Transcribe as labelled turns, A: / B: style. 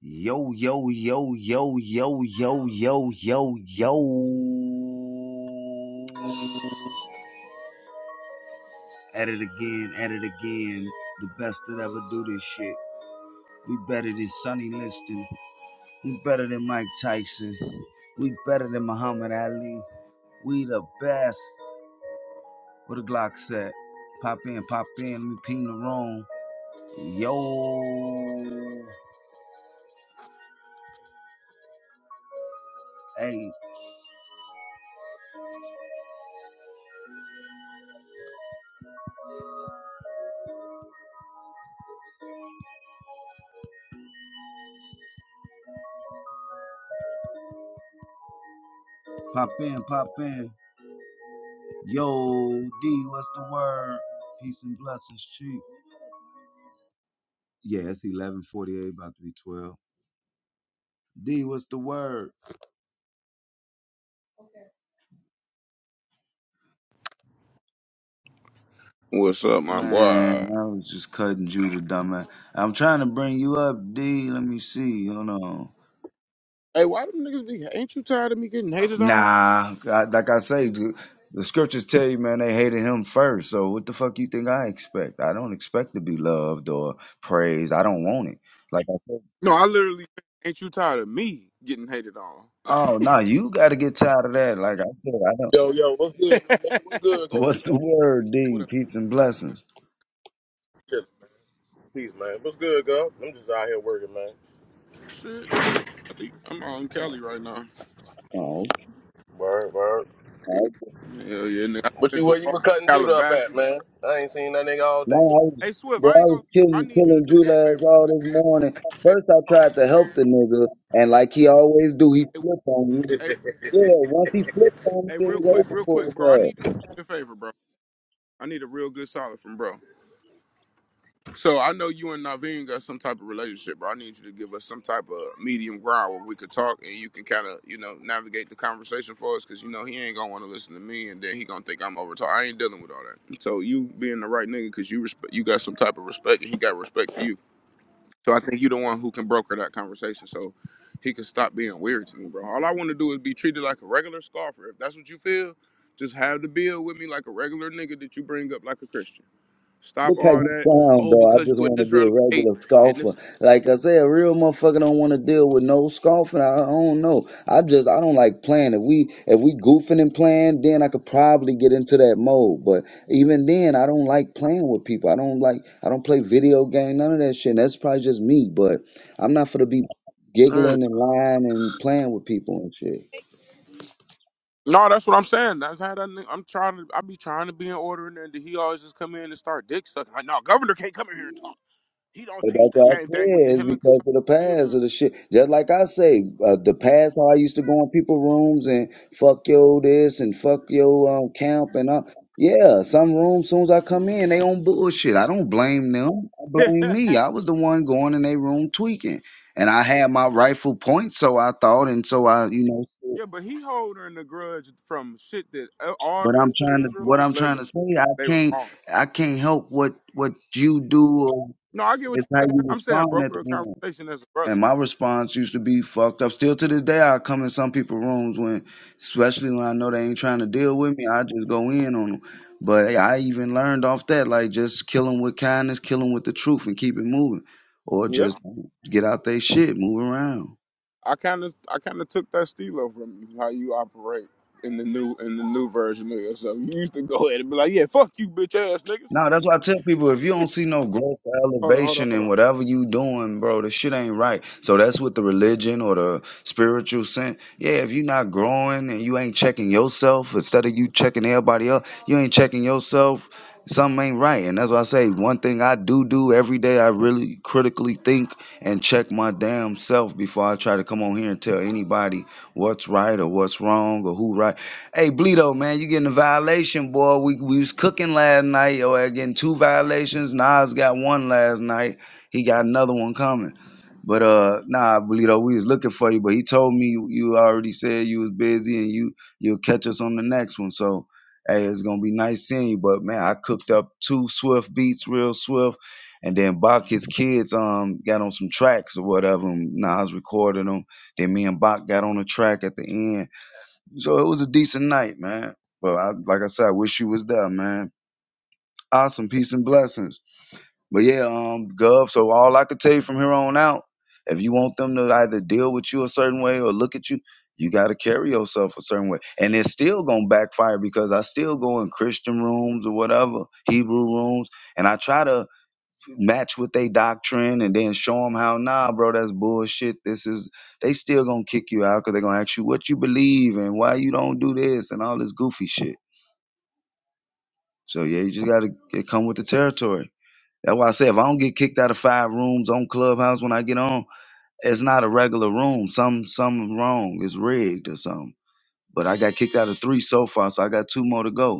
A: Yo, yo, yo, yo, yo, yo, yo, yo, yo. At it again, at it again. The best that ever do this shit. We better than Sonny Liston. We better than Mike Tyson. We better than Muhammad Ali. We the best. What a Glock set. Pop in, pop in, let me ping the wrong. Yo. Hey, pop in, pop in. Yo, D, what's the word? Peace and blessings, Chief. Yeah, it's 1148, about to be 12. D, what's the word?
B: What's up, my
A: Man,
B: boy?
A: I was just cutting Judah, dumbass. I'm trying to bring you up, D. Let me see. Hold on.
B: Hey, why them niggas be? Ain't you tired of me getting hated on?
A: Nah, I, like I say, the the scriptures tell you, man, they hated him first. So what the fuck you think I expect? I don't expect to be loved or praised. I don't want it. Like I said,
B: No, I literally ain't you tired of me getting hated on.
A: oh, no, you got to get tired of that. Like I said, I don't.
C: Yo, yo, what's good, my nigga? What's good, girl,
A: What's the
C: man?
A: word,
B: What
A: D?
B: up?
A: Peace and
B: man?
A: blessings.
C: Shit, peace, man. What's good, girl? I'm just out here working, man.
B: Shit, I'm Cali- I'm out in Cali right now.
A: Oh,
C: Word, word.
A: okay.
B: Hell yeah, nigga. I've
C: What
B: been
C: you
B: through
C: where you
B: all
C: were cutting Judah up at,
B: Calabasas.
C: man? I ain't seen that nigga all
A: No,
C: day.
A: I was,
B: Hey Swift,
A: well,
B: I
A: I
B: ain't
A: was
B: gonna. I
A: killing,
B: need you to
A: killing
B: do me a
A: Julius
B: favor,
A: all
B: my
A: this
B: nigga.
A: morning.
B: Hey, hey,
A: First, I
B: talk-
A: tried to help the nigga, and like he always do, he
B: hey,
A: flipped on you.
B: hey,
A: Yeah, once he flipped on
B: hey,
A: me, it
B: real
A: was
B: quick,
A: over
B: real quick, bro.
A: for us.
B: I need you to do me a favor, bro. I need a real good solid from bro. So I know you and Naveen got some type of relationship, but I need you to give us some type of medium ground where we could talk and you can kind of, you know, navigate the conversation for us because, you know, he ain't going to want to listen to me and then he going to think I'm over talk. I ain't dealing with all that. So you being the right nigga because you, respe- you got some type of respect and he got respect for you. So I think you the one who can broker that conversation so he can stop being weird to me, bro. All I want to do is be treated like a regular scoffer. If that's what you feel, just have the bill with me like a regular nigga that you bring up like a Christian. Stop
A: Look how
B: all
A: you
B: that.
A: sound,
B: Oh,
A: though. I
B: because
A: just
B: you an
A: want to be a
B: Israelite
A: regular
B: and
A: scoffer.
B: this.
A: Like I said, a real motherfucker don't want to deal with no scoffing. I, I don't know. I just I don't like playing. If we if we goofing and playing, then I could probably get into that mode. But even then, I don't like playing with people. I don't like I don't play video game, none of that shit. And that's probably just me. But I'm not for to be
B: Mm.
A: giggling and lying and playing with people and shit.
B: No, that's what I'm saying. That's how that nigga, I'm trying to. I be trying to be in order, and then he always just come in and start dick sucking. Like, no, governor can't come in here and talk. He don't
A: But that's
B: teach the
A: what I
B: same thing with
A: said. It's
B: him and
A: because of the
B: He'll be-
A: past of the shit. Just like I say, uh, the past how I used to go in people rooms and fuck yo this and fuck yo um, camp and uh, yeah, some rooms. Soon as I come in, they on bullshit. I don't blame them. I
B: yeah,
A: blame me. I was the one going in their room tweaking, and I had my rightful point. So I thought, and so I, you know.
B: Yeah, but he holding the grudge from shit that uh, all the
A: But I'm
B: rest of
A: trying
B: the
A: to. What
B: Israelites
A: I'm
B: let
A: trying
B: go.
A: to say, I
B: They was
A: can't.
B: wrong.
A: I can't help what what you do. Or
B: No, I get what
A: it's how
B: you're
A: you
B: saying. I'm saying
A: respond at
B: broker a
A: the end.
B: conversation as a brother.
A: And my response used to be fucked up. Still to this day, I come in some people's rooms when, especially when I know they ain't trying to deal with me, I just go in on them. But hey, I even learned off that, like just kill them with kindness, kill them with the truth, and keep it moving, or just get out their shit, move around.
B: I kind of I kind of took that stilo from you, how you operate in the new in the new version of yourself. You used to go ahead and be like, "Yeah, fuck you, bitch ass niggas."
A: No, that's why I tell people if you don't see no growth or
B: Hold on, hold on,
A: elevation
B: hold on.
A: in whatever you doing, bro, the shit ain't right. So that's with the religion or the spiritual sense. Yeah, if you not growing and you ain't checking yourself, instead of you checking everybody else, you ain't checking yourself, something ain't right. And that's why I say one thing I do do every day, I really critically think and check my damn self before I try to come on here and tell anybody what's right or what's wrong or who right. Hey, Bleedo, man, you getting a violation, boy. We we was cooking last night. Yo, I getting two violations. Nas got one last night. He got another one coming. But uh, nah, Bleedo, we was looking for you, but he told me you, you already said you was busy and you you'll catch us on the next one. So, hey, it's gonna be nice seeing you. But man, I cooked up two Swift beats, real Swift, and then Bach his kids um got on some tracks or whatever. And Nas recorded them. Then me and Bach got on a track at the end so it was a decent night, man. But I, like I said, I wish you was there, man. Awesome, peace and blessings. But yeah, um, Gov. So all I could tell you from here on out, if you want them to either deal with you a certain way or look at you, you got to carry yourself a certain way, and it's still gonna backfire because I still go in Christian rooms or whatever Hebrew rooms, and I try to match with their doctrine and then show them how nah bro that's bullshit this is they still gonna kick you out because they're gonna ask you what you believe and why you don't do this and all this goofy shit so yeah you just gotta it come with the territory that's why i say if i don't get kicked out of five rooms on clubhouse when i get on it's not a regular room some something wrong it's rigged or something but i got kicked out of three so far so i got two more to go